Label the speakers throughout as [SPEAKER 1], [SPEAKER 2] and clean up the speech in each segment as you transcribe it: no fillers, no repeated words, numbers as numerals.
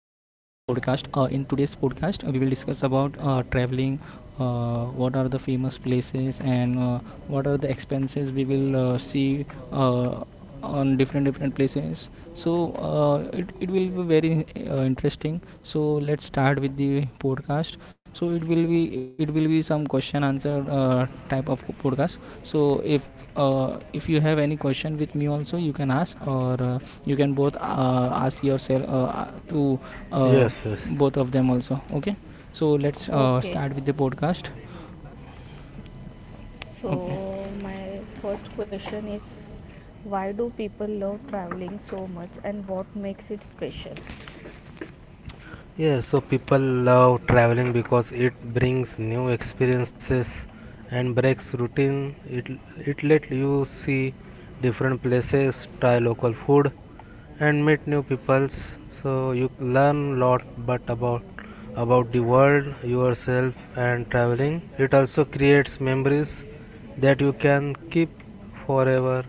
[SPEAKER 1] podcast. In
[SPEAKER 2] Uh,
[SPEAKER 1] today's podcast, we will discuss about traveling.
[SPEAKER 2] uh, uh,
[SPEAKER 1] What are the famous places and what are the
[SPEAKER 2] uh,
[SPEAKER 1] expenses we will see
[SPEAKER 2] uh,
[SPEAKER 1] uh, on different
[SPEAKER 2] uh,
[SPEAKER 1] different places,
[SPEAKER 2] So,
[SPEAKER 1] so
[SPEAKER 2] uh,
[SPEAKER 1] it will be very interesting. So let's start with the podcast. So it will be some question answer type of podcast. So if you have any question with me also, you can ask, or you can both ask yourself to uh,
[SPEAKER 3] Yes, yes.
[SPEAKER 1] both of them also, okay? So let's
[SPEAKER 2] Okay,
[SPEAKER 1] start with the podcast.
[SPEAKER 2] so my first question is why do people love traveling so much and what makes it special?
[SPEAKER 3] Yes, so people love traveling because it brings new experiences and breaks routine. It let you see different places, try local food and meet new peoples. So you learn lot but about the world, yourself and traveling. It also creates memories that you can keep forever.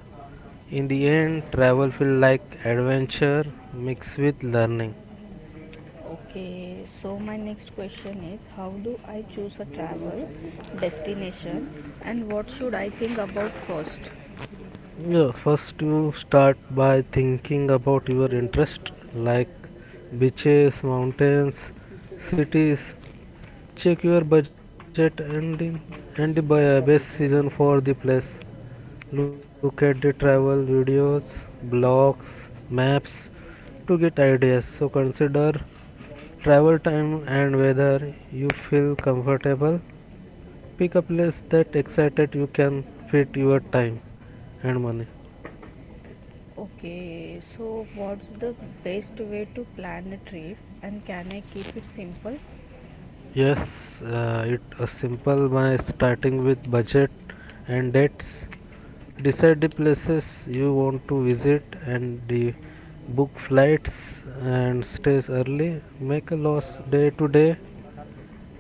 [SPEAKER 3] In the end, travel feel like adventure mixed with learning.
[SPEAKER 2] Okay, so my next question is how do I choose a travel destination and what should I think about first?
[SPEAKER 3] Yeah, first you start by thinking about your interest like beaches, mountains, cities. Check your budget and the best season for the place. Look at the travel videos, blogs, maps to get ideas. So consider travel time and whether you feel comfortable. Pick a place that excited you can fit your time and money.
[SPEAKER 2] Okay, so what's the best way to plan a trip and can I keep it simple?
[SPEAKER 3] Yes, it is simple by starting with budget and dates. Decide the places you want to visit and the book flights and stays early. Make a lost day-to-day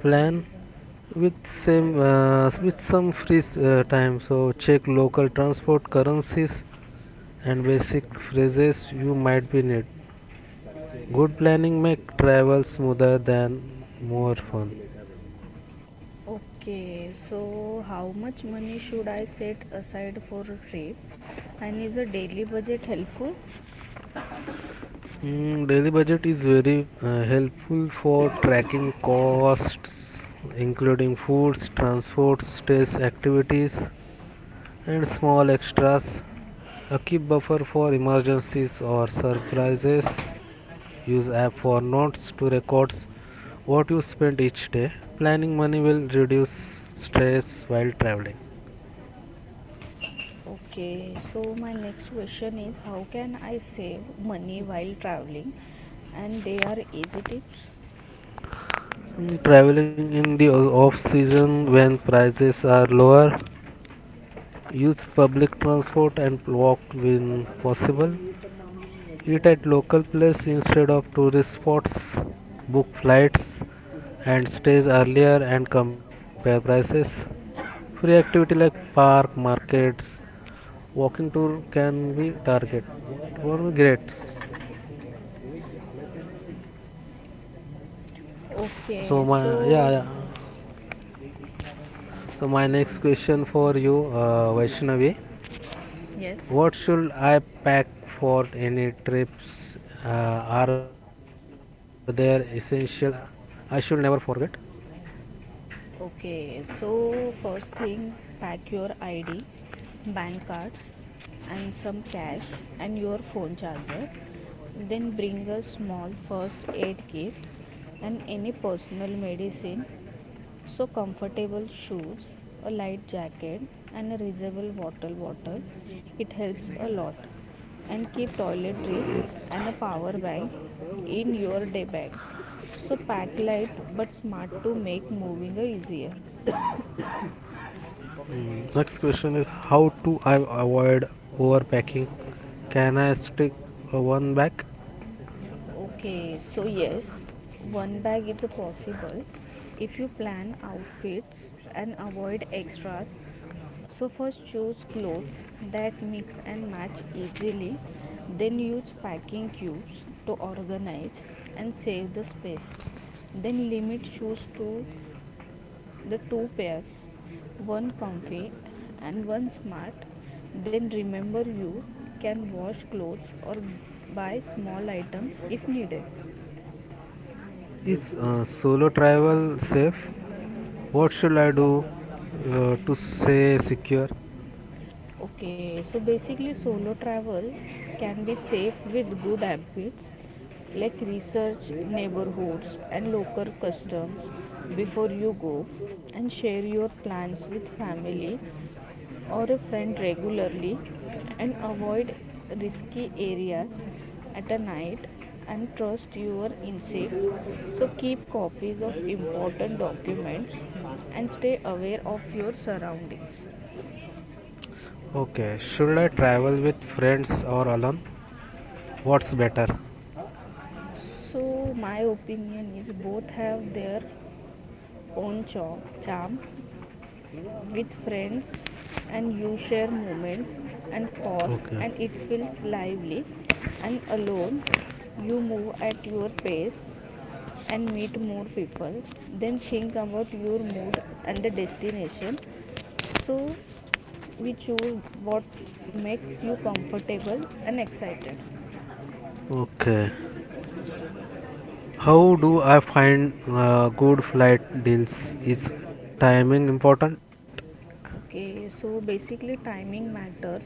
[SPEAKER 3] plan with same with some free time. So check local transport, currencies, and basic phrases you might be need. Good planning make travel smoother than more fun.
[SPEAKER 2] Okay, so how much money should I set aside for a trip and is a daily budget helpful?
[SPEAKER 3] Daily budget is very helpful for tracking costs, including foods, transports, stays, activities, and small extras. A keep buffer for emergencies or surprises. Use app for notes to record what you spend each day. Planning money will reduce stress while traveling.
[SPEAKER 2] Okay, so my next question is how can I save money while traveling? And they are easy tips.
[SPEAKER 3] Traveling in the off season when prices are lower. Use public transport and walk when possible. Eat at local places instead of tourist spots. Book flights and stays earlier and compare prices. Free activity like park, markets, walking tour can be target. Well, great. So
[SPEAKER 2] Okay,
[SPEAKER 3] my yeah,
[SPEAKER 2] so
[SPEAKER 3] yeah. So my next question for you, Vaishnavi.
[SPEAKER 2] yes.
[SPEAKER 3] What should I pack for any trips? Uh, are there essential I should never forget.
[SPEAKER 2] Okay, so first thing, pack your ID, bank cards and some cash and your phone charger. Then bring a small first aid kit and any personal medicine. So comfortable shoes, a light jacket and a reusable water bottle. It helps a lot. And keep toiletries and a power bank in your day bag. So pack light but smart to make moving easier.
[SPEAKER 3] Next question is how to I avoid overpacking? Can I stick a one bag?
[SPEAKER 2] Okay, so yes, one bag is possible if you plan outfits and avoid extras. So first, choose clothes that mix and match easily, then use packing cubes to organize and save the space. Then limit shoes to the two pairs, one comfy and one smart. Then remember, you can wash clothes or buy small items if needed.
[SPEAKER 3] Is solo travel safe? What should I do to stay secure?
[SPEAKER 2] Okay, so basically, solo travel can be safe with good habits, like research neighborhoods and local customs before you go, and share your plans with family or a friend regularly, and avoid risky areas at a night and trust your instincts. So keep copies of important documents and stay aware of your surroundings.
[SPEAKER 3] Okay, should I travel with friends or alone? What's better?
[SPEAKER 2] So my opinion is both have their own charm. With friends, and you share moments and pause,
[SPEAKER 3] Okay,
[SPEAKER 2] and it feels lively. And alone, you move at your pace and meet more people. Then think about your mood and the destination, so we choose what makes you comfortable and excited.
[SPEAKER 3] okay. How do I find good flight deals? Is timing important?
[SPEAKER 2] Okay, so basically timing matters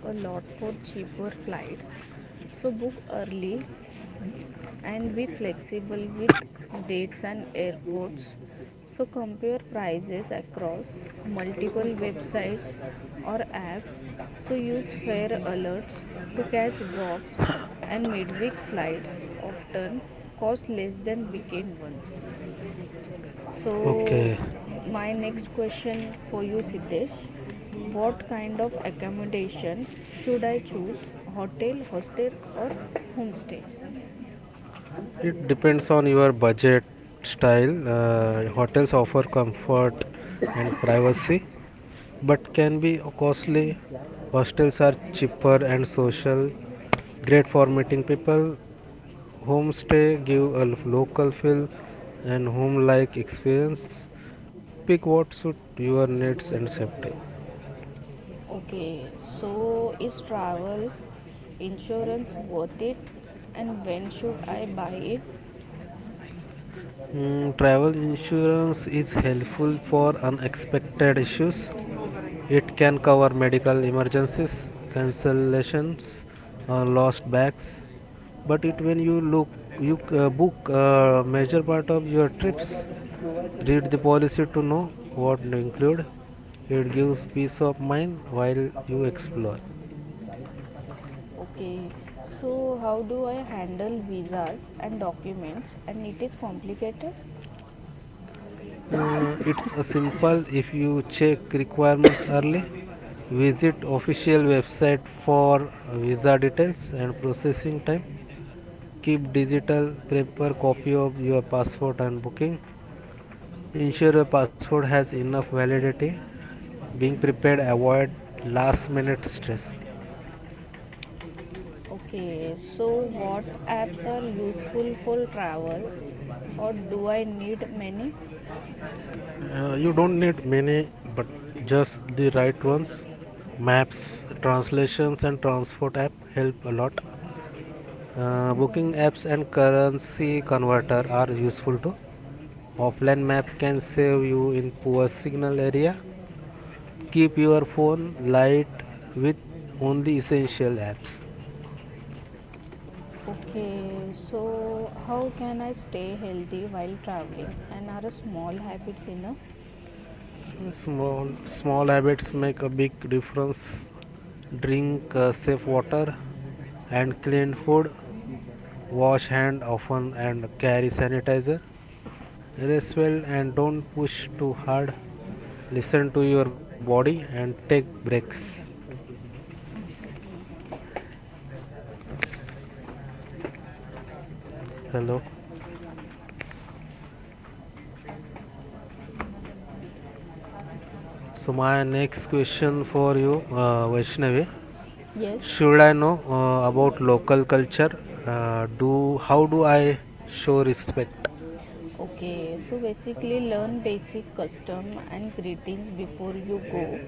[SPEAKER 2] a lot for cheaper flights. So book early and be flexible with dates and airports. So compare prices across multiple websites or apps. So use fare alerts to catch drops, and midweek flights often cost less than weekend ones.
[SPEAKER 3] Okay,
[SPEAKER 2] So my next question for you, Siddesh: what kind of accommodation should I choose? Hotel, hostel, or homestay?
[SPEAKER 3] it depends on your budget style. Hotels offer comfort and privacy, but can be costly. Hostels are cheaper and social, great for meeting people. Homestay give a local feel and home-like experience. Pick what suit your needs and safety.
[SPEAKER 2] Okay, so is travel insurance worth it? And when should I buy it?
[SPEAKER 3] Travel insurance is helpful for unexpected issues. It can cover medical emergencies, cancellations, lost bags. But it when you look, you book major part of your trips, read the policy to know what to include. It gives peace of mind while you explore.
[SPEAKER 2] Okay, so how do I handle visas and documents, and it is complicated?
[SPEAKER 3] It's a simple if you check requirements early. Visit official website for visa details and processing time. Keep digital paper copy of your passport and booking. Ensure your passport has enough validity. Being prepared avoid last minute stress.
[SPEAKER 2] Okay, so what apps are useful for travel, or do I need many?
[SPEAKER 3] You don't need many, but just the right ones. Maps, translations, and transport app help a lot. Booking apps and currency converter are useful too. Offline map can save you in poor signal area. Keep your phone light with only essential apps.
[SPEAKER 2] Okay, so how can I stay healthy while traveling, and are small habits enough?
[SPEAKER 3] Small habits make a big difference. Drink safe water and clean food. Wash hand often and carry sanitizer. Rest well and don't push too hard. Listen to your body and take breaks. Hello, so my next question for you, Vaishnavi,
[SPEAKER 2] Yes.
[SPEAKER 3] should I know about local culture, do how do I show respect?
[SPEAKER 2] Okay, so basically, learn basic custom and greetings before you go.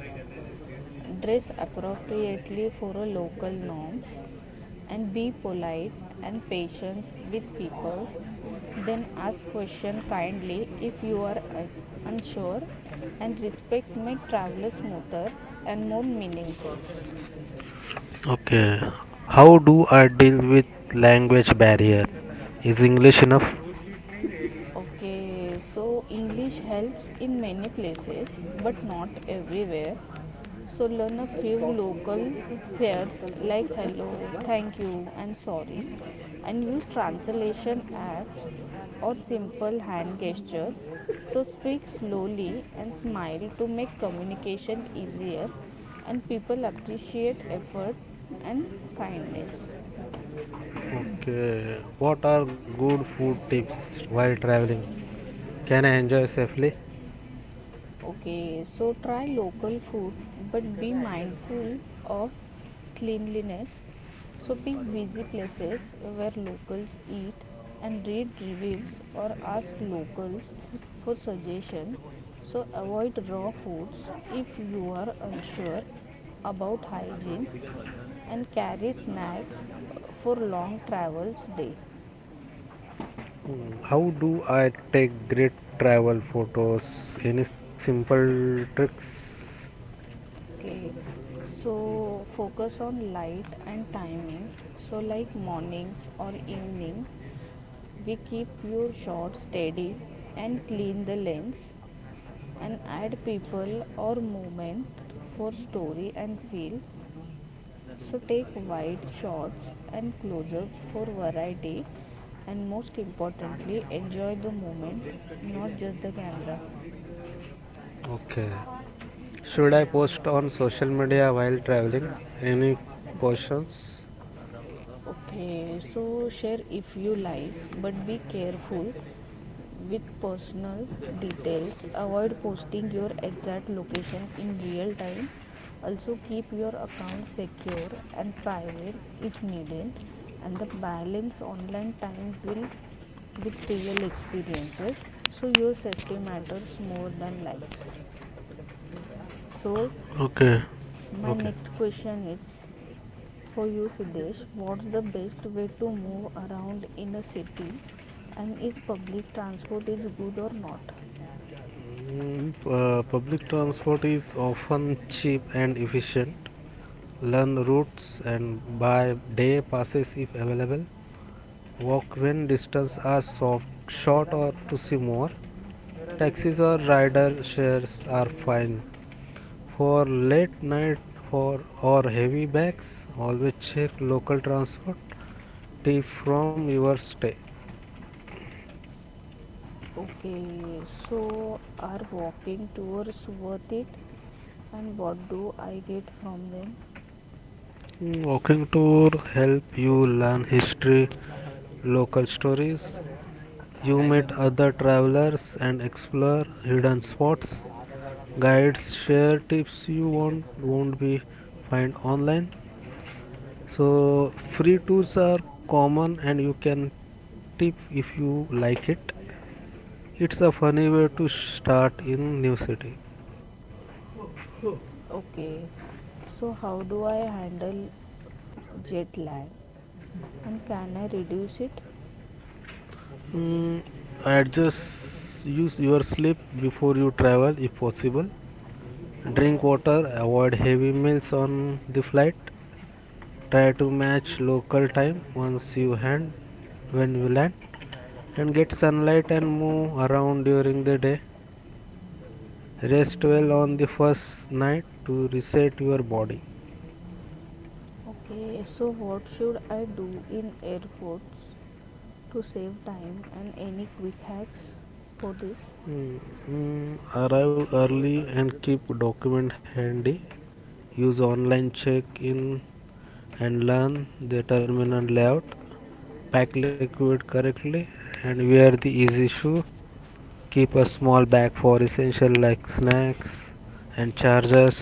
[SPEAKER 2] Dress appropriately for local norms and be polite and patient with people. Then ask question kindly if you are unsure, and respect make travel smoother and more meaningful.
[SPEAKER 3] Okay. How do I deal with language barrier? Is English enough?
[SPEAKER 2] Okay, so English helps in many places but not everywhere. So learn a few local pairs like hello, thank you, and sorry, and use translation apps or simple hand gesture. So speak slowly and smile to make communication easier, and people appreciate effort and kindness.
[SPEAKER 3] Okay. What are good food tips while traveling? Can I enjoy safely?
[SPEAKER 2] Okay, so try local food but be mindful of cleanliness. So pick busy places where locals eat and read reviews or ask locals for suggestions. So avoid raw foods if you are unsure about hygiene and carry snacks for long travels day.
[SPEAKER 3] How do I take great travel photos? Any simple tricks?
[SPEAKER 2] Okay, so focus on light and timing. So, like mornings or evening, we keep your shot steady and clean the lens and add people or movement for story and feel. So take wide shots and close ups for variety, and most importantly, enjoy the moment, not just the camera.
[SPEAKER 3] Okay. Should I post on social media while traveling? Any cautions?
[SPEAKER 2] Okay, so share if you like, but be careful with personal details. Avoid posting your exact location in real time. Also keep your account secure and private if needed, and the balance online time will with real experiences. So your safety matters more than likes. So
[SPEAKER 3] Okay,
[SPEAKER 2] my
[SPEAKER 3] okay.
[SPEAKER 2] next question is for you, Siddesh: what's the best way to move around in a city, and is public transport is good or not?
[SPEAKER 3] Public transport is often cheap and efficient. Learn routes and by day passes if available. Walk when distance are soft, short or to see more. Taxis or rider shares are fine for late night for or heavy bags. Always check local transport tip from your stay.
[SPEAKER 2] Okay, so are walking tours worth it? And what do I get from them?
[SPEAKER 3] Walking tour help you learn history, local stories. You meet other travelers and explore hidden spots. Guides share tips you won't be find online. So free tools are common and you can tip if you like it. It's a funny way to start in new city.
[SPEAKER 2] Okay, so how do I handle jet lag? And can I reduce it?
[SPEAKER 3] mm, Adjust use your sleep before you travel if possible. Drink water, avoid heavy meals on the flight. Try to match local time once you hand when you land and get sunlight and move around during the day. Rest well on the first night to reset your body.
[SPEAKER 2] Okay, so what should I do in airports to save time, and any quick hacks for this?
[SPEAKER 3] Mm, Arrive early and keep document handy. Use online check-in and learn the terminal layout. Pack liquid correctly and wear the easy shoe. Keep a small bag for essential like snacks and chargers.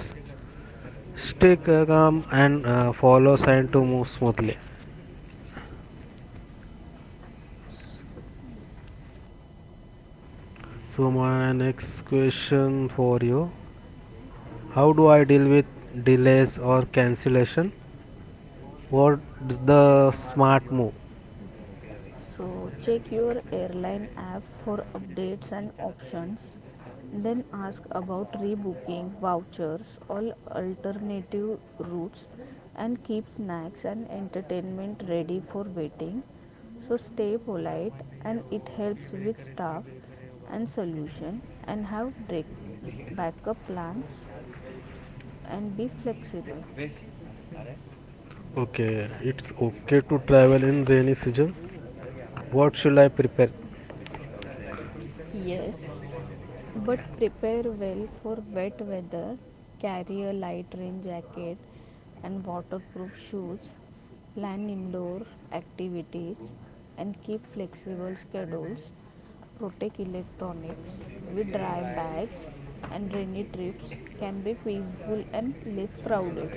[SPEAKER 3] Stay calm and follow sign to move smoothly. So my next question for you: how do I deal with delays or cancellation? What's the smart move?
[SPEAKER 2] So check your airline app for updates and options. Then ask about rebooking, vouchers, all alternative routes, and keep snacks and entertainment ready for waiting. So stay polite and it helps with staff and solution, and have backup plans and be flexible.
[SPEAKER 3] Okay, it's okay to travel in rainy season. What should I prepare?
[SPEAKER 2] Yes, but prepare well for wet weather. Carry a light rain jacket and waterproof shoes. Plan indoor activities and keep flexible schedules. Protect electronics with dry bags, and rainy trips can be peaceful and less crowded.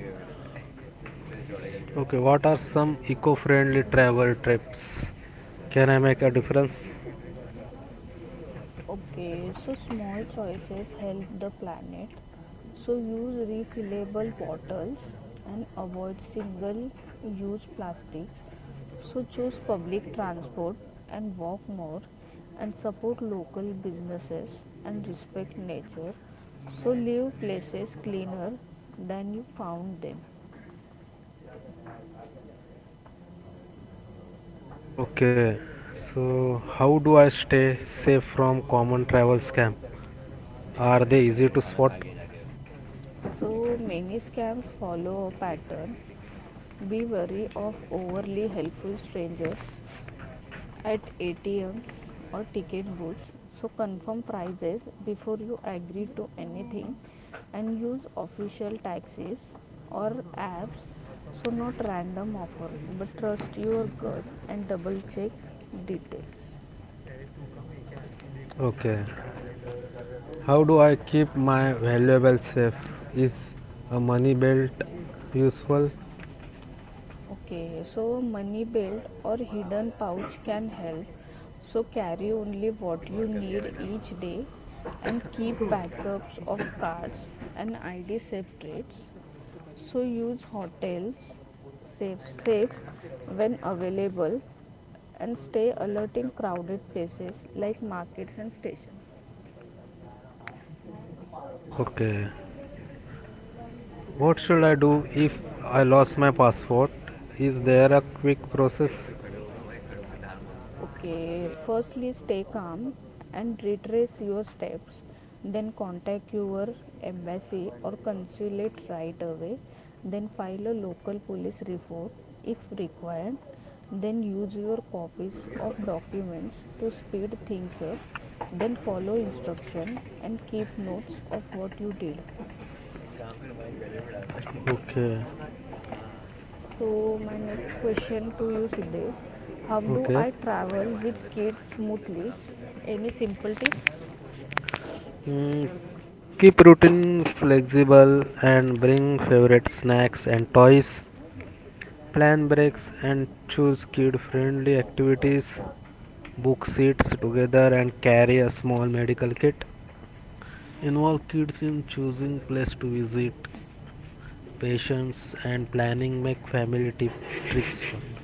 [SPEAKER 3] Okay, what are some eco-friendly travel trips? Can I make a difference?
[SPEAKER 2] Okay, so small choices help the planet. So use refillable bottles and avoid single use plastics. So choose public transport and walk more and support local businesses and respect nature. So leave places cleaner than you found them.
[SPEAKER 3] Okay, so how do I stay safe from common travel scam? Are they easy to spot?
[SPEAKER 2] So many scams follow a pattern. Be wary of overly helpful strangers at ATMs or ticket booths. So confirm prices before you agree to anything and use official taxis or apps. So not random offers, but trust your gut and double check details.
[SPEAKER 3] Okay, how do I keep my valuables safe? Is a money belt useful?
[SPEAKER 2] Okay, so money belt or hidden pouch can help. So carry only what you need each day and keep backups of cards and ID separates. So use hotels safe when available and stay alert in crowded places like markets and stations.
[SPEAKER 3] Okay, what should I do if I lost my passport? Is there a quick process?
[SPEAKER 2] Okay, firstly, stay calm and retrace your steps. Then contact your embassy or consulate right away. Then file a local police report if required. Then use your copies of documents to speed things up. Then follow instruction and keep notes of what you did.
[SPEAKER 3] Okay,
[SPEAKER 2] So my next question to you, Siddesh: how do I
[SPEAKER 3] okay.
[SPEAKER 2] travel with kids smoothly? Any simple tips?
[SPEAKER 3] Mm, Keep routine flexible and bring favorite snacks and toys. Plan breaks and choose kid friendly activities. Book seats together and carry a small medical kit. Involve kids in choosing place to visit. Patience and planning make family trips fun.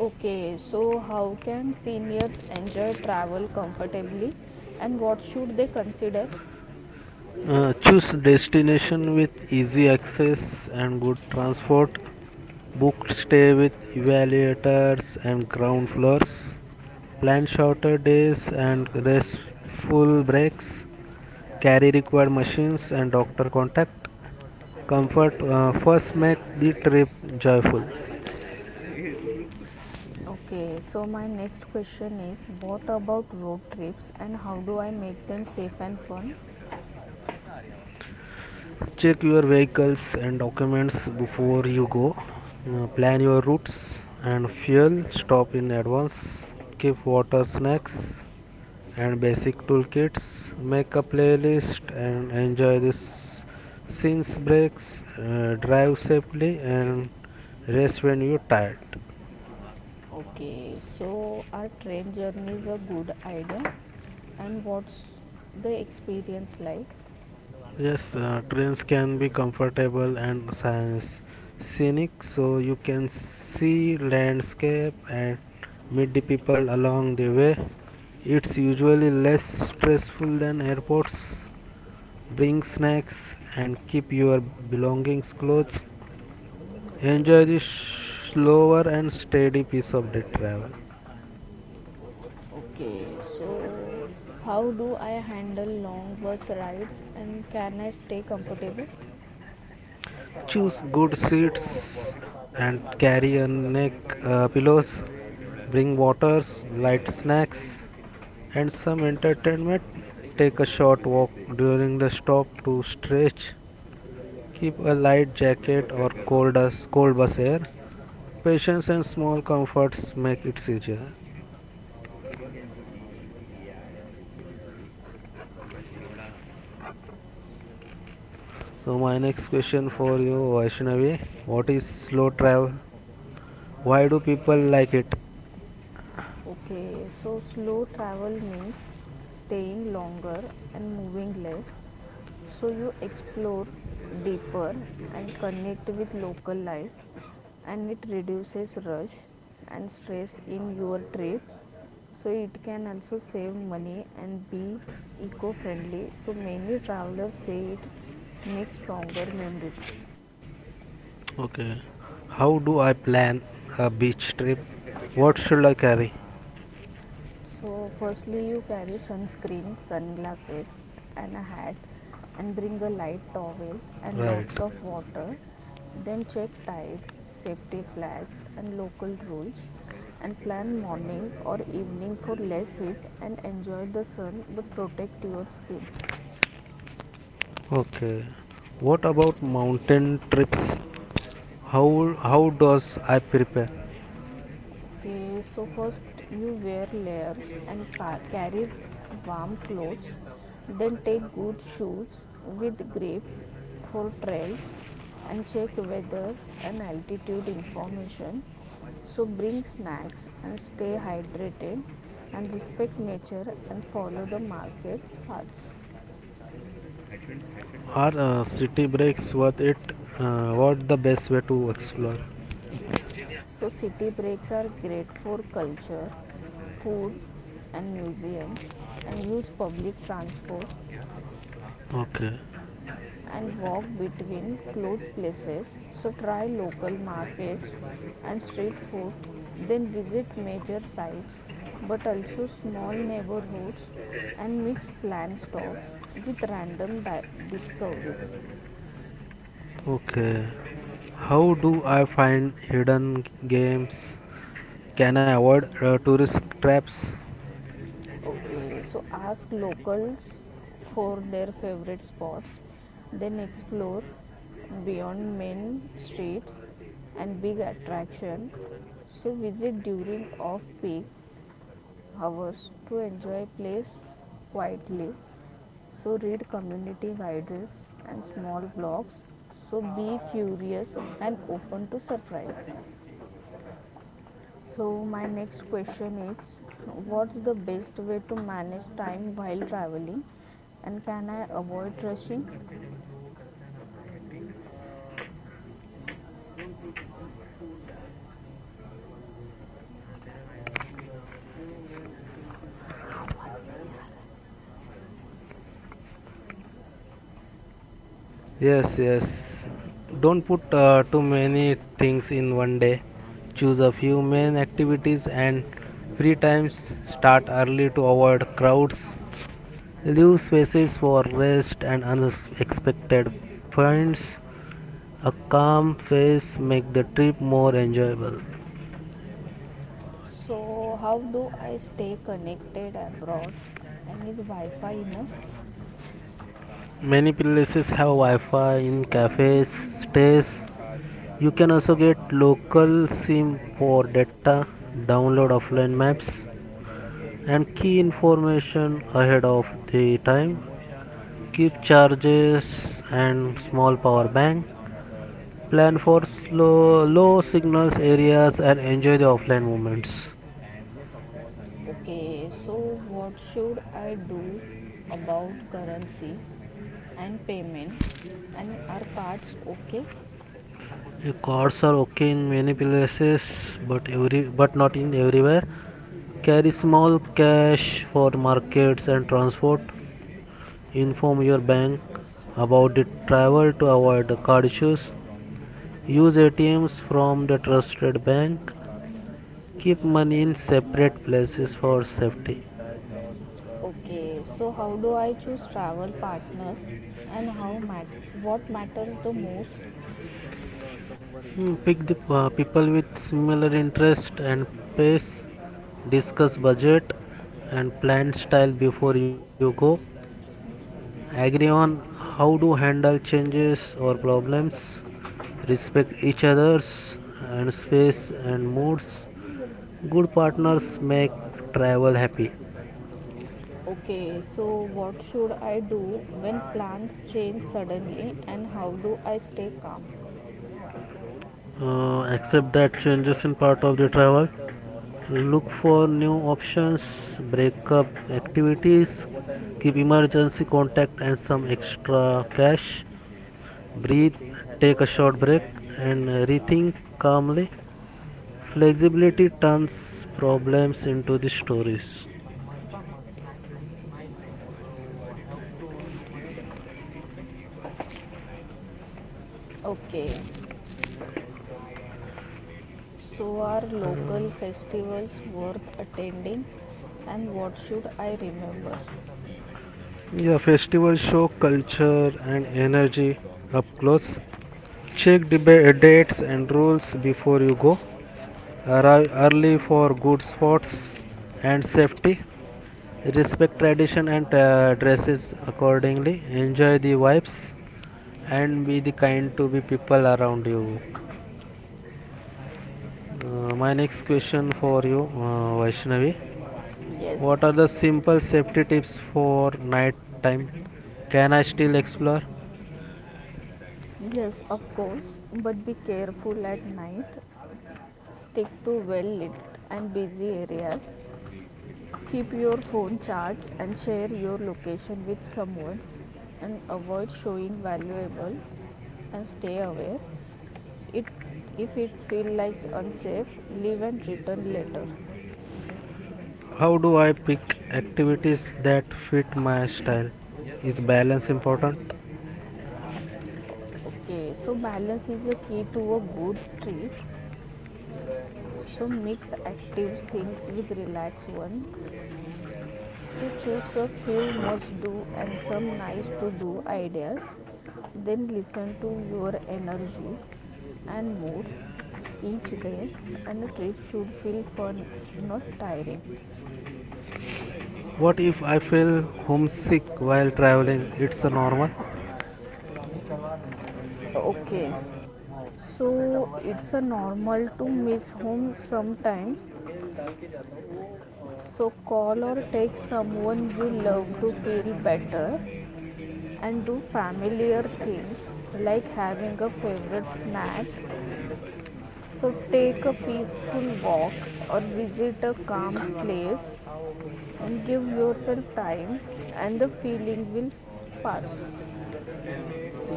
[SPEAKER 2] Okay, so how can seniors enjoy travel comfortably, and what should they consider?
[SPEAKER 3] Choose destination with easy access and good transport. Book stay with evaluators and ground floors. Plan shorter days and restful breaks. Carry required machines and doctor contact. Comfort first make the trip joyful.
[SPEAKER 2] Okay, so my next question is, what about road trips, and how do I make them safe and fun?
[SPEAKER 3] Check your vehicles and documents before you go. Plan your routes and fuel. Stop in advance. Keep water snacks and basic toolkits. Make a playlist and enjoy this since breaks. Drive safely and rest when you're tired.
[SPEAKER 2] Okay, so are train journeys a good idea? And what's the experience like?
[SPEAKER 3] Yes, trains can be comfortable and scenic, so you can see landscape and meet the people along the way. It's usually less stressful than airports. Bring snacks and keep your belongings close. Enjoy the slower and steady pace of the travel.
[SPEAKER 2] Okay, so how do I handle long bus rides, and can I stay comfortable?
[SPEAKER 3] Choose good seats and carry a neck pillows. Bring waters, light snacks, and some entertainment. Take a short walk during the stop to stretch. Keep a light jacket or cold bus air. Patience and small comforts make it easier. So my next question for you, Vaishnavi, what is slow travel? Why do people like it?
[SPEAKER 2] Okay, so slow travel means staying longer and moving less. So you explore deeper and connect with local life, and it reduces rush and stress in your trip. So it can also save money and be eco friendly. So many travelers say it makes stronger memories.
[SPEAKER 3] Okay. How do I plan a beach trip? What should I carry?
[SPEAKER 2] So, firstly, you carry sunscreen, sunglasses, and a hat, and bring a light towel and
[SPEAKER 3] Right.
[SPEAKER 2] lots of water. Then check tides, safety flags, and local rules. And plan morning or evening for less heat and enjoy the sun but protect your skin.
[SPEAKER 3] Okay. What about mountain trips? How does I prepare?
[SPEAKER 2] Okay, so first you wear layers and carry warm clothes, then take good shoes with grip for trails and check weather and altitude information. So bring snacks and stay hydrated and respect nature and follow the market paths.
[SPEAKER 3] Are city breaks worth it? What the best way to explore?
[SPEAKER 2] So city breaks are great for culture, food and museums, and use public transport
[SPEAKER 3] Okay.
[SPEAKER 2] and walk between closed places. So try local markets and street food, then visit major sites but also small neighborhoods, and mix planned stops with random discoveries.
[SPEAKER 3] Okay. How do I find hidden games? Can I avoid tourist traps?
[SPEAKER 2] Okay, so ask locals for their favorite spots, then explore beyond main streets and big attraction. So visit during off peak hours to enjoy place quietly. So read community guides and small blogs. So be curious and open to surprise. So my next question is, what's the best way to manage time while traveling, and can I avoid rushing?
[SPEAKER 3] Yes, yes. Don't put too many things in one day. Choose a few main activities and free times. Start early to avoid crowds. Leave spaces for rest and unexpected finds. A calm face make the trip more enjoyable.
[SPEAKER 2] So how do I stay connected abroad, and is Wi-Fi enough?
[SPEAKER 3] Many places have Wi-Fi in cafes, stays. You can also get local SIM for data. Download offline maps and key information ahead of the time. Keep charges and small power bank. Plan for slow, low signals areas and enjoy the offline moments.
[SPEAKER 2] Okay, so what should I do about currency and payments, and our cards okay?
[SPEAKER 3] The cards are okay in many places, but every but not in everywhere. Carry small cash for markets and transport. Inform your bank about the travel to avoid the card issues. Use ATMs from the trusted bank. Keep money in separate places for safety.
[SPEAKER 2] Okay, so how do I choose travel partners, and how what matters the most?
[SPEAKER 3] Pick the people with similar interest and pace. Discuss budget and plan style before you go. Agree on how to handle changes or problems. Respect each other's and space and moods. Good partners make travel happy.
[SPEAKER 2] Okay, so what should I do when plans change suddenly, and how do I stay calm?
[SPEAKER 3] Accept that changes in part of the travel. Look for new options, break up activities. Keep emergency contact and some extra cash. Breathe, take a short break and rethink calmly. Flexibility turns problems into the stories.
[SPEAKER 2] Okay, so are
[SPEAKER 3] uh,
[SPEAKER 2] local festivals worth attending, and what should I remember?
[SPEAKER 3] yeah, festivals show culture and energy up close. Check the dates and rules before you go. Arrive early for good spots and safety. Respect tradition and dresses accordingly. Enjoy the vibes and be the kind to be people around you. My next question for you, Vaishnavi,
[SPEAKER 2] Yes,
[SPEAKER 3] what are the simple safety tips for night time? Can I still explore?
[SPEAKER 2] yes, of course, but be careful at night. Stick to well lit and busy areas. Keep your phone charged and share your location with someone and avoid showing valuables and stay aware. It if it feels like unsafe, leave and return later.
[SPEAKER 3] How do I pick activities that fit my style? Is balance important?
[SPEAKER 2] Okay, so balance is the key to a good trip. So mix active things with relaxed one. So choose a few must do and some nice to do ideas. Then listen to your energy and mood each day, and a trip should feel fun, not tiring.
[SPEAKER 3] What if I feel homesick while traveling? It's a normal.
[SPEAKER 2] Okay. So it's a normal to miss home sometimes. So call or text someone you love to feel better and do familiar things like having a favorite snack. So take a peaceful walk or visit a calm place and give yourself time, and the feeling will pass.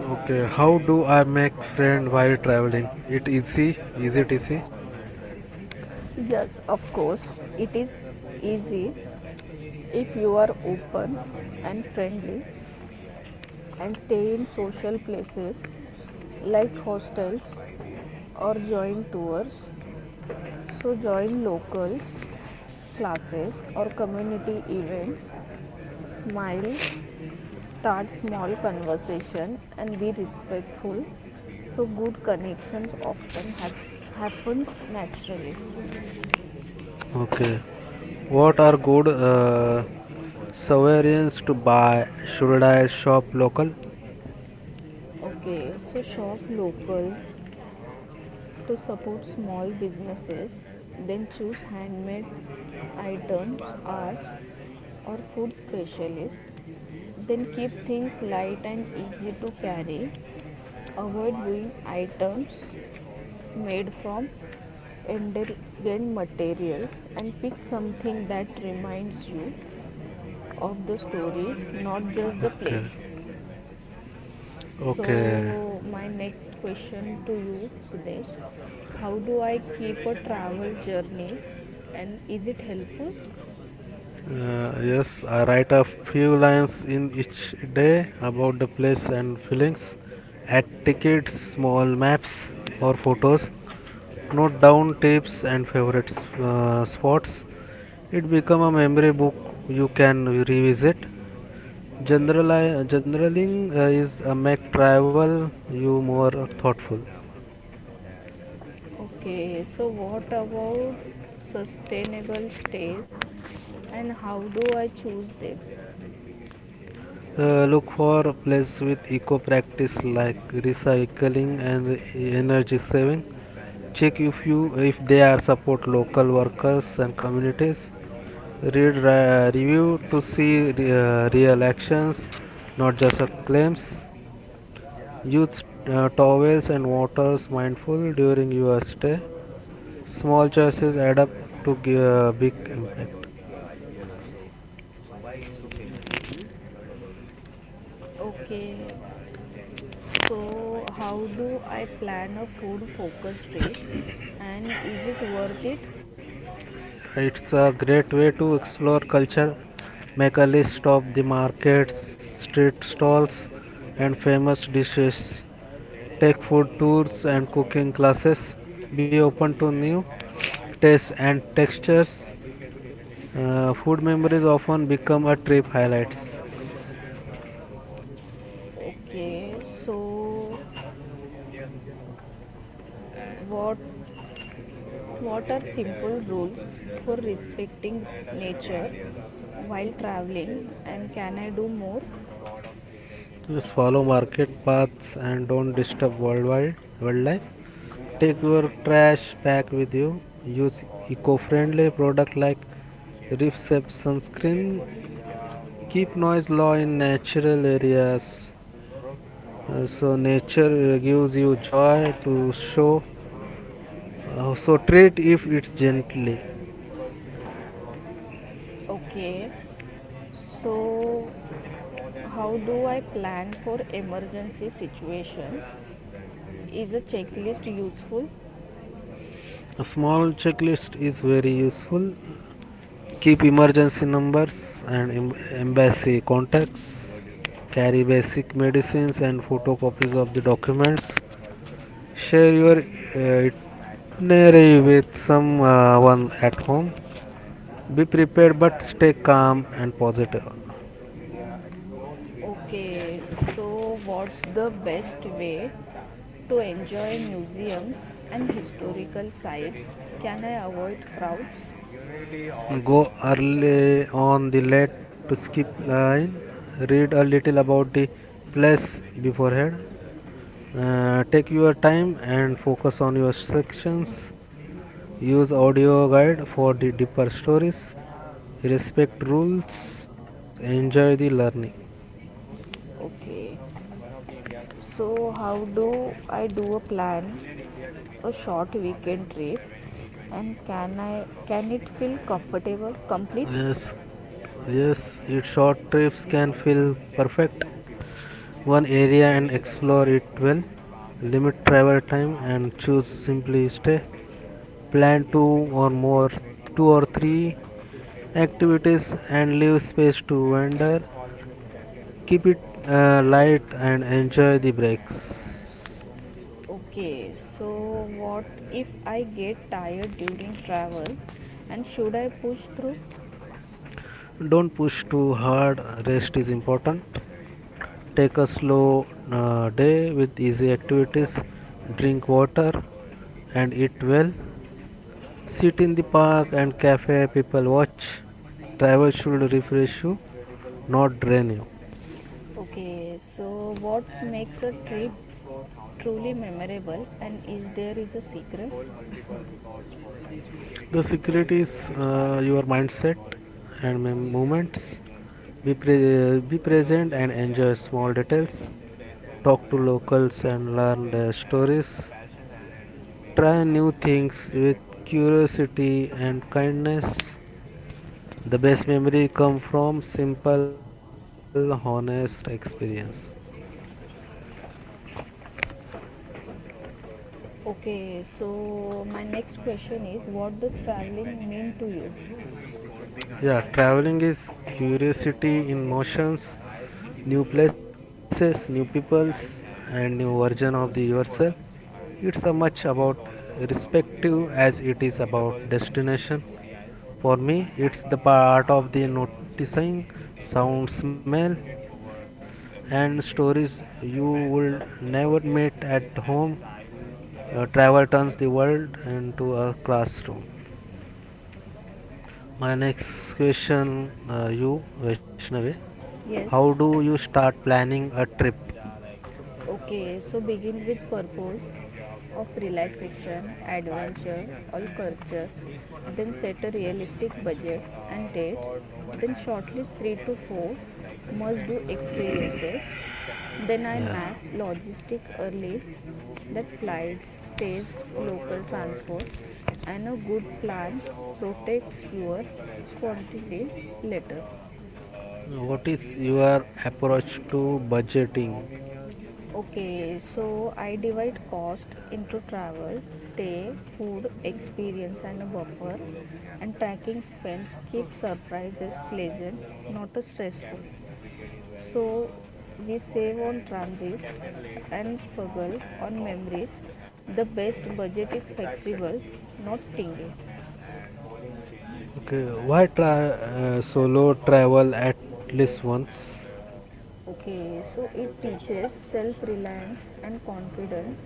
[SPEAKER 3] Okay, how do I make friend while traveling? It easy? Is it easy?
[SPEAKER 2] Yes, of course, it is easy if you are open and friendly and stay in social places like hostels or join tours. So, join locals, classes, or community events. Smile, start small conversation, and be respectful. So, good connections often have happens naturally.
[SPEAKER 3] Okay. What are good souvenirs to buy? Should I shop local?
[SPEAKER 2] Okay, so shop local, to support small businesses, then choose handmade items, arts, or food specialist. Then keep things light and easy to carry. Avoid buying items made from endurant materials and pick something that reminds you of the story, not just the place.
[SPEAKER 3] Okay. Okay.
[SPEAKER 2] So, my next question to you, Siddesh, how do I keep a travel journey and is it helpful?
[SPEAKER 3] Yes, I write a few lines in each day about the place and feelings. Add tickets, small maps, or photos. Note down tips and favorite spots. It become a memory book you can revisit. Generali- generaling Is a make travel you more thoughtful.
[SPEAKER 2] Okay, so what about sustainable stays and how do I choose them?
[SPEAKER 3] Look for place with eco practice like recycling and energy saving. Check if they are support local workers and communities, read review to see real actions, not just claims. Use towels and waters mindful during your stay. Small choices add up to big impact.
[SPEAKER 2] Okay, so how do I plan a food focused trip and is it worth it?
[SPEAKER 3] It's a great way to explore culture. Make a list of the markets, street stalls, and famous dishes. Take food tours and cooking classes, be open to new tastes and textures. Food memories often become a trip highlights.
[SPEAKER 2] Okay, so what What are simple rules for respecting nature while traveling and can I do more?
[SPEAKER 3] Just follow market paths and don't disturb worldwide wildlife. Take your trash pack with you. Use eco-friendly product like reef-safe sunscreen. Keep noise low in natural areas. So nature gives you joy to show. So treat if it's gently.
[SPEAKER 2] Okay, so how do I plan for emergency situation? Is a checklist useful?
[SPEAKER 3] A small checklist is very useful. Keep emergency numbers and embassy contacts. Carry basic medicines and photocopies of the documents. Share your uh, itinerary with someone at home. Be prepared but stay calm and positive.
[SPEAKER 2] Okay, so what's the best way to enjoy museums and historical sites? Can I avoid crowds?
[SPEAKER 3] Go early on the late to skip line. Read a little about the place beforehand. Take your time and focus on your sections. Use audio guide for the deeper stories. Respect rules. Enjoy the learning.
[SPEAKER 2] Okay, so how do I do a plan a short weekend trip and can it feel comfortable complete?
[SPEAKER 3] Yes, yes, its short trips can feel perfect. One area and explore it well. Limit travel time and choose simply stay. Plan two or three activities and leave space to wander. Keep it light and enjoy the breaks.
[SPEAKER 2] Okay, so what if I get tired during travel and should I push through?
[SPEAKER 3] Don't push too hard, rest is important. Take a slow day with easy activities, drink water and eat well. Sit in the park and cafe, people watch. Travel should refresh you, not drain you.
[SPEAKER 2] Okay, so what makes a trip truly memorable and is there is a secret?
[SPEAKER 3] The secret is your mindset and movements. Be present and enjoy small details. Talk to locals and learn their stories. Try new things with curiosity and kindness. The best memory come from simple, honest experience.
[SPEAKER 2] Okay, so my next question is what does traveling mean to you?
[SPEAKER 3] Yeah, traveling is curiosity in motions, new places, new peoples, and new version of the yourself. It's a much about respective as it is about destination. For me, it's the part of the noticing sound, smell, and stories you would never meet at home. Travel turns the world into a classroom. My next question, you Vaishnavi, how
[SPEAKER 2] Yes,
[SPEAKER 3] do you start planning a trip?
[SPEAKER 2] okay, so begin with purpose of relaxation, adventure or culture, then set a realistic budget and dates, then shortlist 3 to 4 must do experiences. Then I
[SPEAKER 3] Yeah,
[SPEAKER 2] map logistic early that flights, stays, local transport and a good plan protects your spontaneity later.
[SPEAKER 3] your approach to budgeting?
[SPEAKER 2] Okay,
[SPEAKER 3] budgeting?
[SPEAKER 2] so I divide cost into travel, stay, food, experience, and a buffer. And tracking spends keep surprises pleasant, not stressful. So we save on transit and struggle on memories. The best budget is flexible, not stingy.
[SPEAKER 3] During why matches. Try he solo out travel at once?
[SPEAKER 2] Okay, so it teaches self reliance and confidence.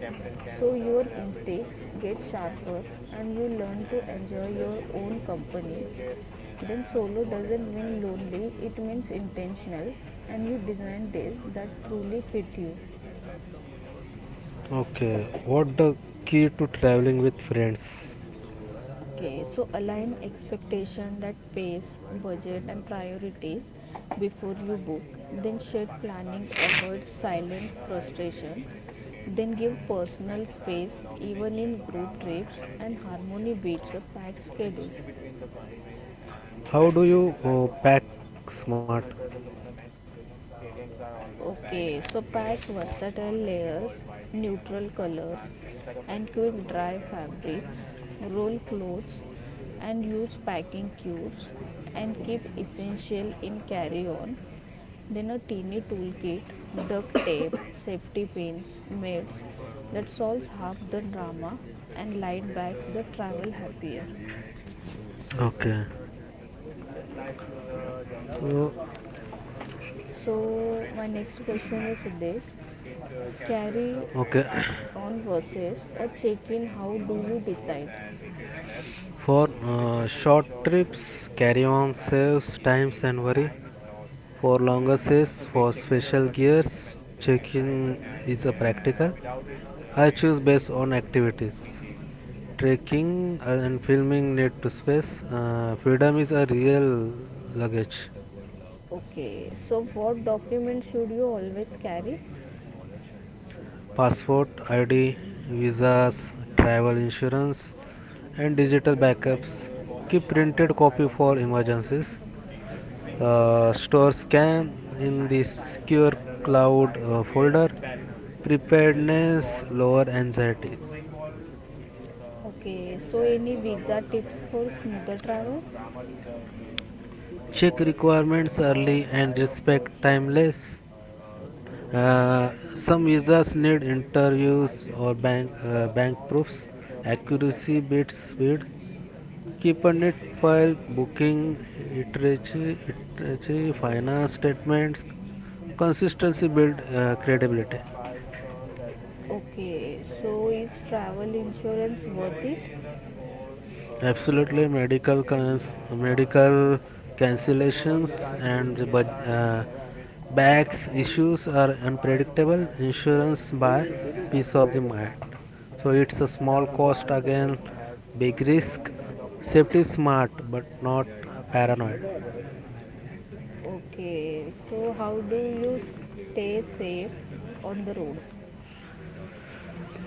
[SPEAKER 2] So your instincts get sharper and you learn to enjoy your own company. Then solo doesn't mean lonely, it means intentional and you design days that truly fit you.
[SPEAKER 3] Okay, what the key to traveling with friends?
[SPEAKER 2] Okay, so align expectation that pace, budget and priorities before you book. Then shared planning avoid silent frustration. Then give personal space even in group trips and harmony beats a packed schedule.
[SPEAKER 3] How do you pack smart?
[SPEAKER 2] Okay, so pack versatile layers, neutral colors, and quick dry fabrics, roll clothes, and use packing cubes, and keep essential in carry on. Then, a teeny toolkit, duct tape, safety pins, mats that solves half the drama and light bags the travel happier.
[SPEAKER 3] Okay. So,
[SPEAKER 2] So, my next question is this: carry
[SPEAKER 3] uh, okay.
[SPEAKER 2] on versus or check in, how do you decide?
[SPEAKER 3] For short trips, carry on saves times and worry. For longer and saves, for special local gears, check-in is a practical. I choose based on activities. Trekking and filming need to space. Freedom is a real luggage.
[SPEAKER 2] Okay, so what document should you always carry?
[SPEAKER 3] Passport, ID, visas, travel insurance, and digital backups. Keep printed copy for emergencies. Store scan in the secure cloud folder. Preparedness, lower anxieties.
[SPEAKER 2] Okay, so any visa tips for smoother travel?
[SPEAKER 3] Check requirements early and respect timeless. Some visas need interviews or bank proofs, accuracy beats speed. Keep a neat file, booking, iteratory, finance statements. Consistency build credibility.
[SPEAKER 2] Okay, so is travel insurance worth it?
[SPEAKER 3] Absolutely, medical cancellations and the backs issues are unpredictable. Insurance by peace of the mind. So it's a small cost again, big risk. Safety is smart but not paranoid.
[SPEAKER 2] Okay, so how do you stay safe on the road?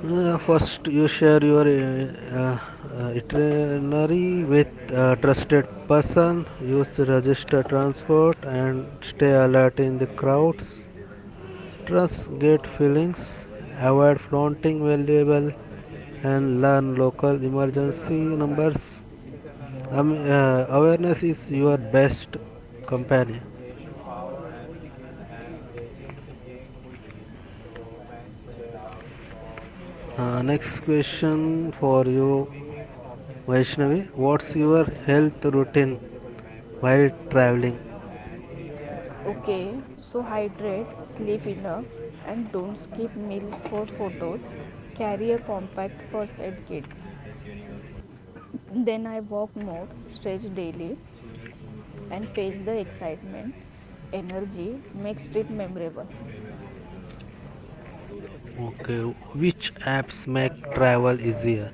[SPEAKER 3] First, you share your itinerary with a trusted person. Use the register transport and stay alert in the crowds. Trust great feelings, avoid flaunting valuable, and learn local emergency numbers. Awareness is your best companion. Next question for you, Vaishnavi. What's your health routine while traveling?
[SPEAKER 2] Okay, so hydrate, sleep enough, and don't skip meals for photos. Carry a compact first aid kit. Then I walk more, stretch daily, and pace the excitement. Energy makes trip memorable.
[SPEAKER 3] Okay, which apps make travel easier?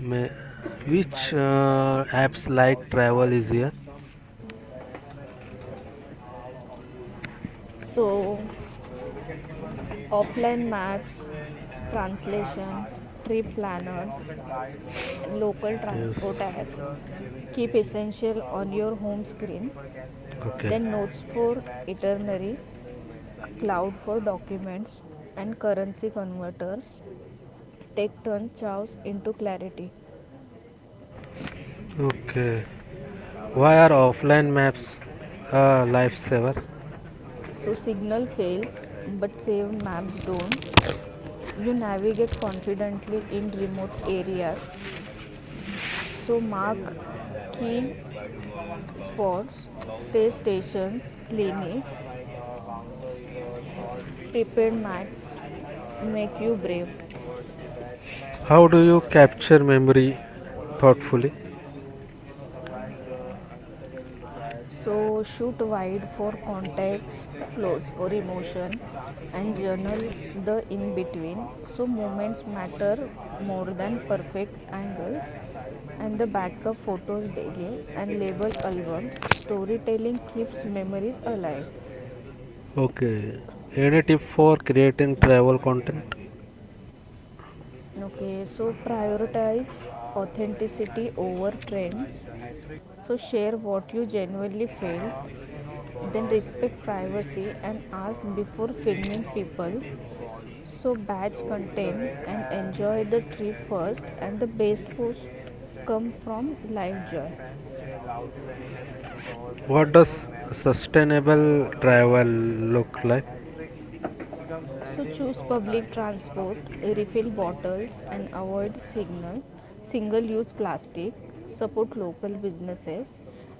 [SPEAKER 3] May, which apps like travel easier?
[SPEAKER 2] So, offline maps, translation, trip planners, local transport apps. Keep essential on your home screen. Then notes for itinerary, cloud for documents, and currency converters. Take turns chows into clarity.
[SPEAKER 3] Okay. Why are offline maps a lifesaver?
[SPEAKER 2] So signal fails, but save maps don't. You navigate confidently in remote areas. So mark key spots, stay stations, clinics, Prepared max make you brave.
[SPEAKER 3] How do you capture memory thoughtfully?
[SPEAKER 2] So shoot wide for context, close for emotion, and journal the in between. So moments matter more than perfect angles. And the backup photos daily and label albums. Storytelling keeps memories alive.
[SPEAKER 3] Okay. Any tip for creating travel content?
[SPEAKER 2] Okay, so prioritize authenticity over trends. So share what you genuinely felt. Then respect privacy and ask before filming people. So batch content and enjoy the trip first and the best post come from live joy.
[SPEAKER 3] Match sustainable bowlers travel look like?
[SPEAKER 2] So choose public transport, refill bottles and avoid signal, single use plastic, support local businesses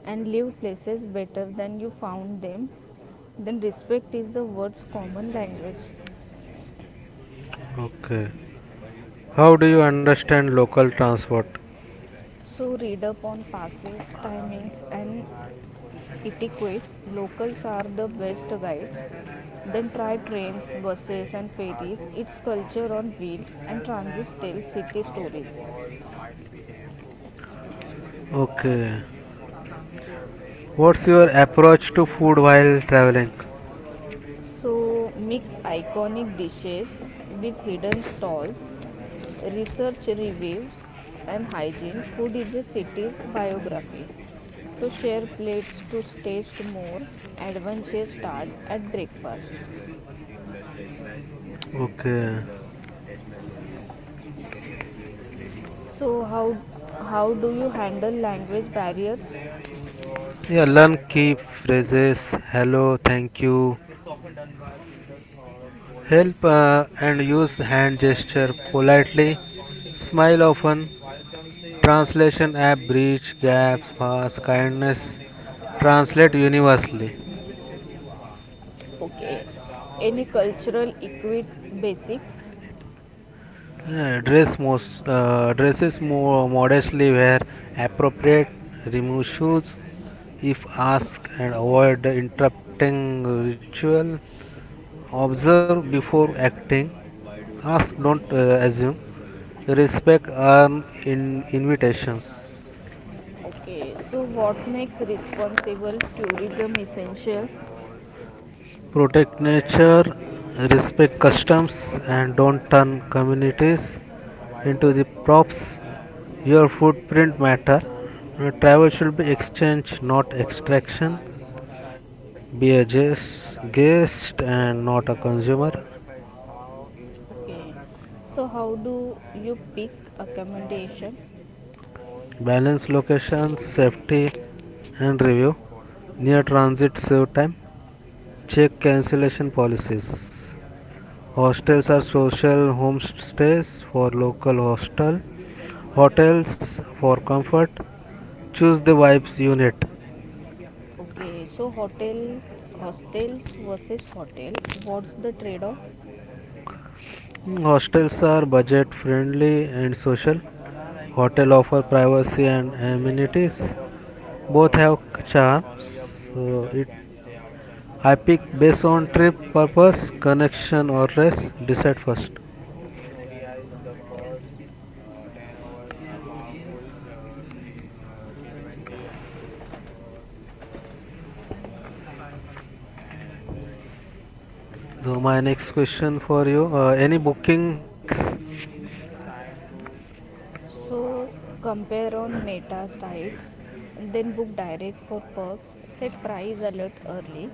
[SPEAKER 2] and leave places better than you found them. Then respect is the word's common language.
[SPEAKER 3] Okay. How do you understand local transport?
[SPEAKER 2] So read up on passes, timings, and etiquette. Locals are the best guides. Then try trains, buses, and ferries. Its culture on wheels and transit tells city stories.
[SPEAKER 3] Okay. What's your approach to food while traveling?
[SPEAKER 2] So mix iconic dishes with hidden stalls. Research reviews and hygiene. Food is a city's biography. So share plates to taste more. Adventure start at breakfast.
[SPEAKER 3] Okay.
[SPEAKER 2] So how do you handle language barriers?
[SPEAKER 3] Yeah, learn key phrases, hello, thank you, help, and use hand gesture politely. Smile often. Translation app bridge gaps fast. Kindness translate universally.
[SPEAKER 2] Okay. Any cultural equit basics?
[SPEAKER 3] Yeah, dresses more modestly where appropriate. Remove shoes if asked and avoid the interrupting ritual. Observe before acting. Ask, don't assume. Respect earn in invitations.
[SPEAKER 2] Okay. So what makes responsible tourism essential?
[SPEAKER 3] Protect nature, respect customs, and don't turn communities into the props. Your footprint matter. Travel should be exchange, not extraction. Be a guest and not a consumer.
[SPEAKER 2] Okay. So how do you pick accommodation?
[SPEAKER 3] Balance location, safety, and review. Near transit save time. Check cancellation policies. Hostels are social homestays for local hostel. Hotels for comfort. Choose the vibes unit.
[SPEAKER 2] Okay. So hotel hostels versus hotel. What's the trade-off?
[SPEAKER 3] Hostels are budget friendly and social. Hotel offer privacy and amenities. Both have charms. So it I pick based on trip purpose, connection or rest. Decide first. So my next question for you: any booking hacks?
[SPEAKER 2] So compare on meta sites, then book direct for perks, set price alert early,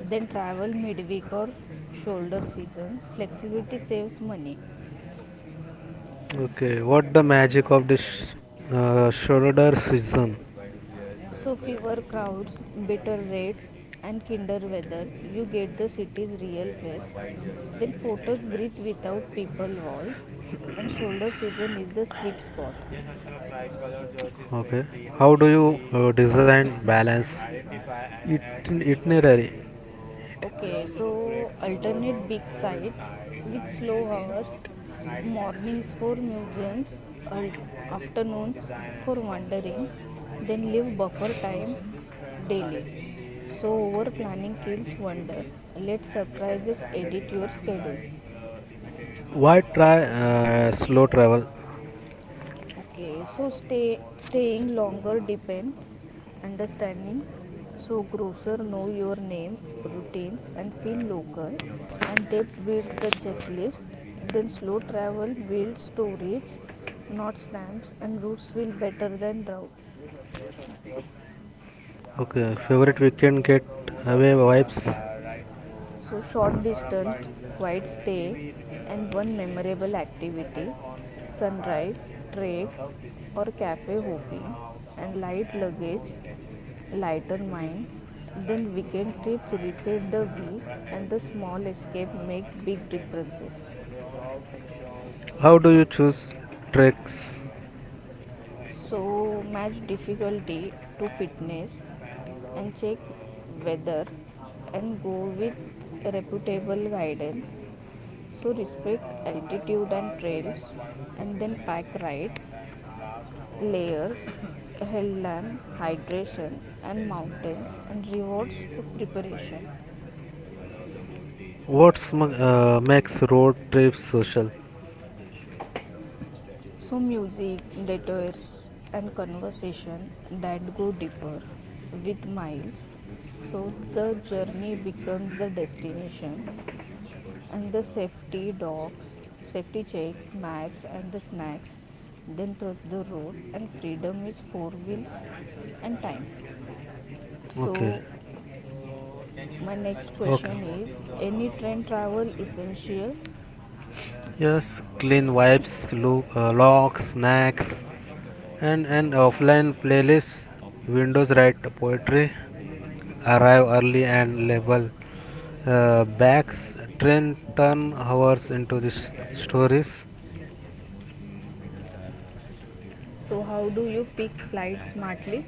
[SPEAKER 2] then travel midweek or shoulder season. Flexibility saves money.
[SPEAKER 3] Okay, what the magic of this Schrodinger's season?
[SPEAKER 2] So fewer crowds, better rates and kinder weather. You get the city's real face. Then photos breathe without people walls and shoulder season is the sweet spot.
[SPEAKER 3] Okay. How do you design balance it itinerary?
[SPEAKER 2] Okay, so alternate big sites with slow hours, mornings for museums, al- afternoons for wandering, then leave buffer time daily. So over planning kills wonder. Let surprises edit your schedule.
[SPEAKER 3] Why try slow travel?
[SPEAKER 2] Okay, so staying longer depends understanding. So grocer know your name, routines, and feel local. And depth builds the checklist. Then slow travel builds storage, not stamps, and routes feel better than routes.
[SPEAKER 3] Okay, favorite weekend get away vibes.
[SPEAKER 2] So short distance quiet stay and one memorable activity, sunrise trek or cafe hopping, and light luggage lighter mind, then weekend trips reset the week and the small escape make big differences.
[SPEAKER 3] How do you choose treks?
[SPEAKER 2] So match difficulty to fitness and check weather and go with reputable guidance. So respect altitude and trails and then pack right, layers, hell hydration and mountains and rewards preparation.
[SPEAKER 3] What makes road trips social?
[SPEAKER 2] So, music, detours, and conversation that go deeper with miles. So, the journey becomes the destination, and the safety dogs, safety checks, maps, and the snacks. Then, trust the road, and freedom is four wheels and time.
[SPEAKER 3] Okay.
[SPEAKER 2] So, my next
[SPEAKER 3] Okay.
[SPEAKER 2] question is any train travel essential?
[SPEAKER 3] Yes, clean wipes, locks, snacks, and an offline playlist. Windows write poetry, arrive early and label bags. Train turn hours into the stories.
[SPEAKER 2] So, how do you pick flight smartly?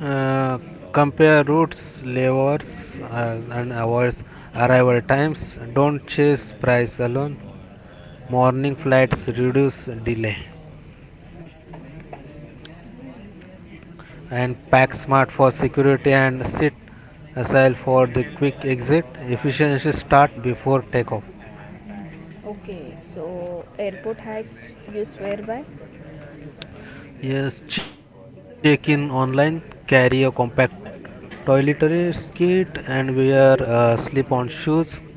[SPEAKER 3] Uh, Compare routes, levers, and hours, arrival times. Don't chase price alone. Morning flights reduce delay, and PackSmart for security and Sit Agile for the quick exit. Efficiency start before takeoff.
[SPEAKER 2] Okay, so airport hacks you swear by?
[SPEAKER 3] Yes, check in online, carry a compact toiletries kit and wear slip on shoes.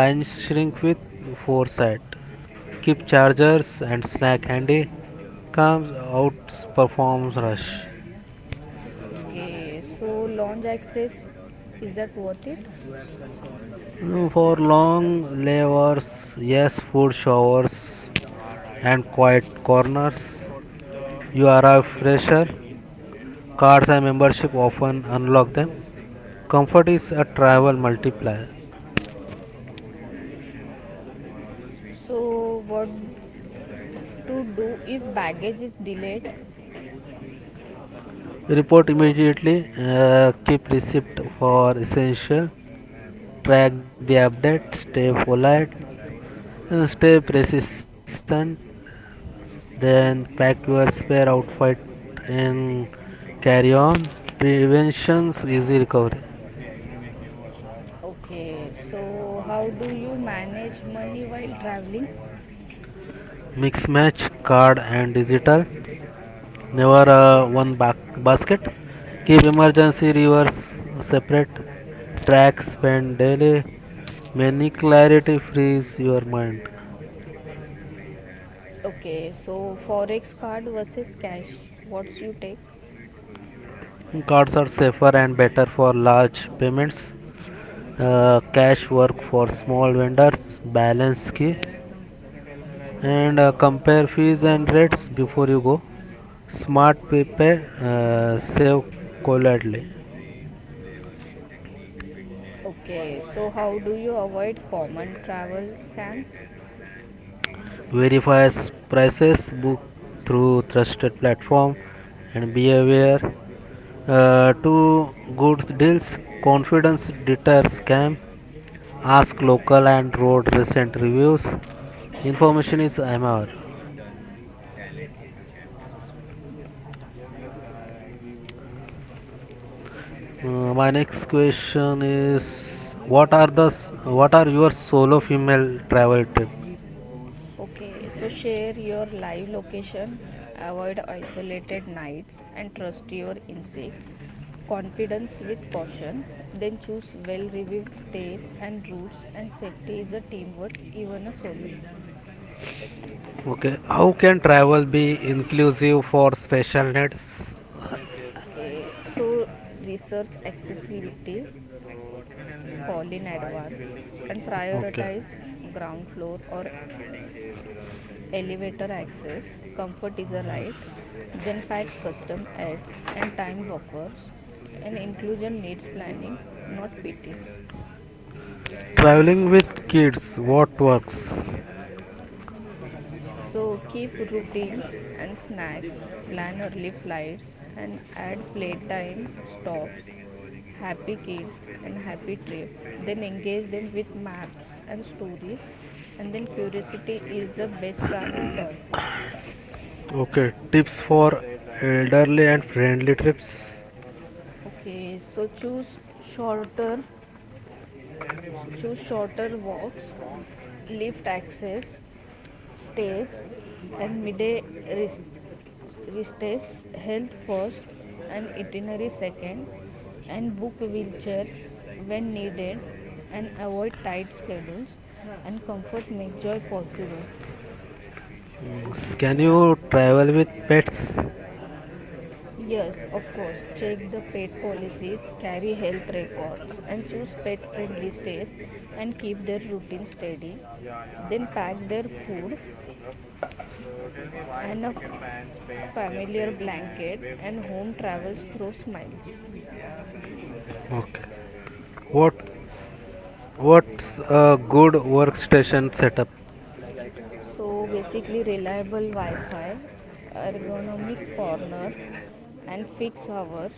[SPEAKER 3] Line shrink with foresight. Keep chargers and snack handy. Comes out performs rush.
[SPEAKER 2] Okay, so lounge access, is that worth it?
[SPEAKER 3] Mm, for long layovers, yes, food showers and quiet corners. You are a fresher. Cards and membership often unlock them. Comfort is a travel multiplier.
[SPEAKER 2] So what to do if baggage is delayed?
[SPEAKER 3] Report immediately. Keep receipt for essential. Track the update. Stay polite, stay persistent. Then pack your spare outfit and carry on. Prevention's easy recovery.
[SPEAKER 2] Okay, so how do you manage money while traveling?
[SPEAKER 3] Mix match card and digital, never one basket. Keep emergency rivers separate, tracks spend daily, many clarity frees your mind.
[SPEAKER 2] Okay, so forex card versus cash, what's you take?
[SPEAKER 3] Cards are safer and better for large payments. Cash work for small vendors balance key, and compare fees and rates before you go. Smart pay, save coldly.
[SPEAKER 2] Okay, so how do you avoid common travel scams?
[SPEAKER 3] Verify prices, book through trusted platform, and be aware. Two goods deals, confidence deter scam, ask local and road recent reviews. Information is MR. My next question is what are your solo female travel tips?
[SPEAKER 2] Okay, so share your live location, avoid isolated nights, and trust your instincts. Confidence with caution, then choose well reviewed stays and routes, and safety is a teamwork, even a solo.
[SPEAKER 3] Okay, how can travel be inclusive for special needs?
[SPEAKER 2] Okay, so research accessibility, call in advance, and
[SPEAKER 3] Okay,
[SPEAKER 2] prioritize ground floor or elevator access, comfort is a right,
[SPEAKER 3] yes.
[SPEAKER 2] then pack custom ads and time buffers, and inclusion needs planning, not pity.
[SPEAKER 3] Traveling with kids, what works?
[SPEAKER 2] So keep routines and snacks, plan early flights, and add playtime stops, happy kids, and happy trip. Then engage them with maps and stories, and then curiosity is the best travel toy.
[SPEAKER 3] Okay, tips for elderly and friendly trips.
[SPEAKER 2] Okay, so shorter choose shorter walks, lift access, stays, and midday rest. Restes health first and itinerary second, and book wheelchairs when needed, and avoid tight schedules. And comfort make joy possible.
[SPEAKER 3] Mm, can you travel with pets?
[SPEAKER 2] Yes, of course, check the pet policies, carry health records, and choose pet friendly stays and keep their routine steady. Then pack their food and a familiar blanket and home travels through smiles.
[SPEAKER 3] Okay, what what's a good workstation setup?
[SPEAKER 2] So basically reliable wi-fi, ergonomic corner and fixed hours,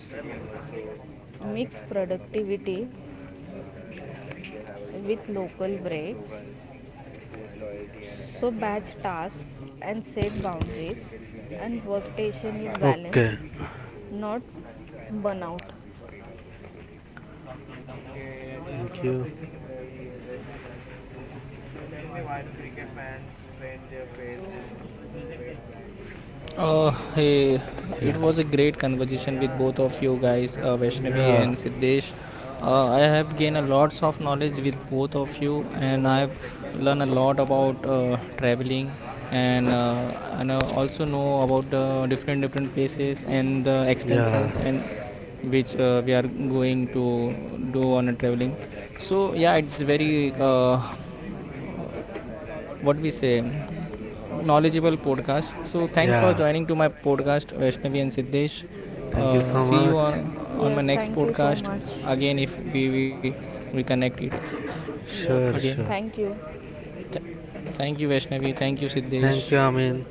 [SPEAKER 2] mix productivity with local breaks, so batch tasks and set boundaries and workstation is
[SPEAKER 3] Okay.
[SPEAKER 2] balanced, not burnout.
[SPEAKER 1] Hey,
[SPEAKER 2] It was
[SPEAKER 1] it
[SPEAKER 3] Yeah.
[SPEAKER 2] a
[SPEAKER 1] was a
[SPEAKER 2] great
[SPEAKER 1] great
[SPEAKER 2] conversation with
[SPEAKER 1] conversation with
[SPEAKER 2] both of
[SPEAKER 1] both
[SPEAKER 2] you
[SPEAKER 1] of you
[SPEAKER 2] guys,
[SPEAKER 1] guys,
[SPEAKER 2] Roshni and
[SPEAKER 1] Vaishnavi
[SPEAKER 3] Yeah.
[SPEAKER 1] and
[SPEAKER 2] Hitesh.
[SPEAKER 1] Siddesh.
[SPEAKER 2] I
[SPEAKER 1] I
[SPEAKER 2] have gained
[SPEAKER 1] have
[SPEAKER 2] a
[SPEAKER 1] gained a
[SPEAKER 2] lot of
[SPEAKER 1] lots of
[SPEAKER 2] knowledge with
[SPEAKER 1] knowledge with
[SPEAKER 2] both of
[SPEAKER 1] both
[SPEAKER 2] you,
[SPEAKER 1] of you,
[SPEAKER 2] and I
[SPEAKER 1] and
[SPEAKER 2] have
[SPEAKER 1] I have
[SPEAKER 2] learned a
[SPEAKER 1] learned a
[SPEAKER 2] lot
[SPEAKER 1] lot
[SPEAKER 2] about
[SPEAKER 1] about
[SPEAKER 2] traveling
[SPEAKER 1] traveling, and
[SPEAKER 2] and
[SPEAKER 1] and I
[SPEAKER 2] I also
[SPEAKER 1] also
[SPEAKER 2] know
[SPEAKER 1] know
[SPEAKER 2] about
[SPEAKER 1] about
[SPEAKER 2] different
[SPEAKER 1] different
[SPEAKER 2] different
[SPEAKER 1] different
[SPEAKER 2] places
[SPEAKER 1] places
[SPEAKER 2] and
[SPEAKER 1] and the
[SPEAKER 2] examples
[SPEAKER 1] expenses
[SPEAKER 3] Yes.
[SPEAKER 1] and
[SPEAKER 2] and which
[SPEAKER 1] which
[SPEAKER 2] we are
[SPEAKER 1] we are
[SPEAKER 2] going to
[SPEAKER 1] going to
[SPEAKER 2] do on
[SPEAKER 1] do
[SPEAKER 2] a
[SPEAKER 1] on a
[SPEAKER 2] travel.
[SPEAKER 1] traveling.
[SPEAKER 2] So
[SPEAKER 1] So
[SPEAKER 2] yeah, it's
[SPEAKER 1] yeah, it's
[SPEAKER 2] very
[SPEAKER 1] very
[SPEAKER 2] what we
[SPEAKER 1] what we say
[SPEAKER 2] say knowledgeable
[SPEAKER 1] knowledgeable
[SPEAKER 2] podcast.
[SPEAKER 1] podcast. So thanks for
[SPEAKER 3] Yeah.
[SPEAKER 1] joining to my podcast, Vaishnavi and Siddesh.
[SPEAKER 3] Thank you so
[SPEAKER 1] See you
[SPEAKER 3] much.
[SPEAKER 1] on my
[SPEAKER 2] Yes,
[SPEAKER 1] next
[SPEAKER 2] thank you so
[SPEAKER 1] podcast
[SPEAKER 2] much. Again, if we
[SPEAKER 1] again, if we we,
[SPEAKER 2] we
[SPEAKER 1] we
[SPEAKER 2] connect.
[SPEAKER 1] connect it
[SPEAKER 2] Yes,
[SPEAKER 3] Sure,
[SPEAKER 2] yes.
[SPEAKER 1] again.
[SPEAKER 3] sure.
[SPEAKER 2] Thank you.
[SPEAKER 1] Th- Thank you, Vaishnavi. Thank you, Siddesh.
[SPEAKER 3] Thank you, Amin.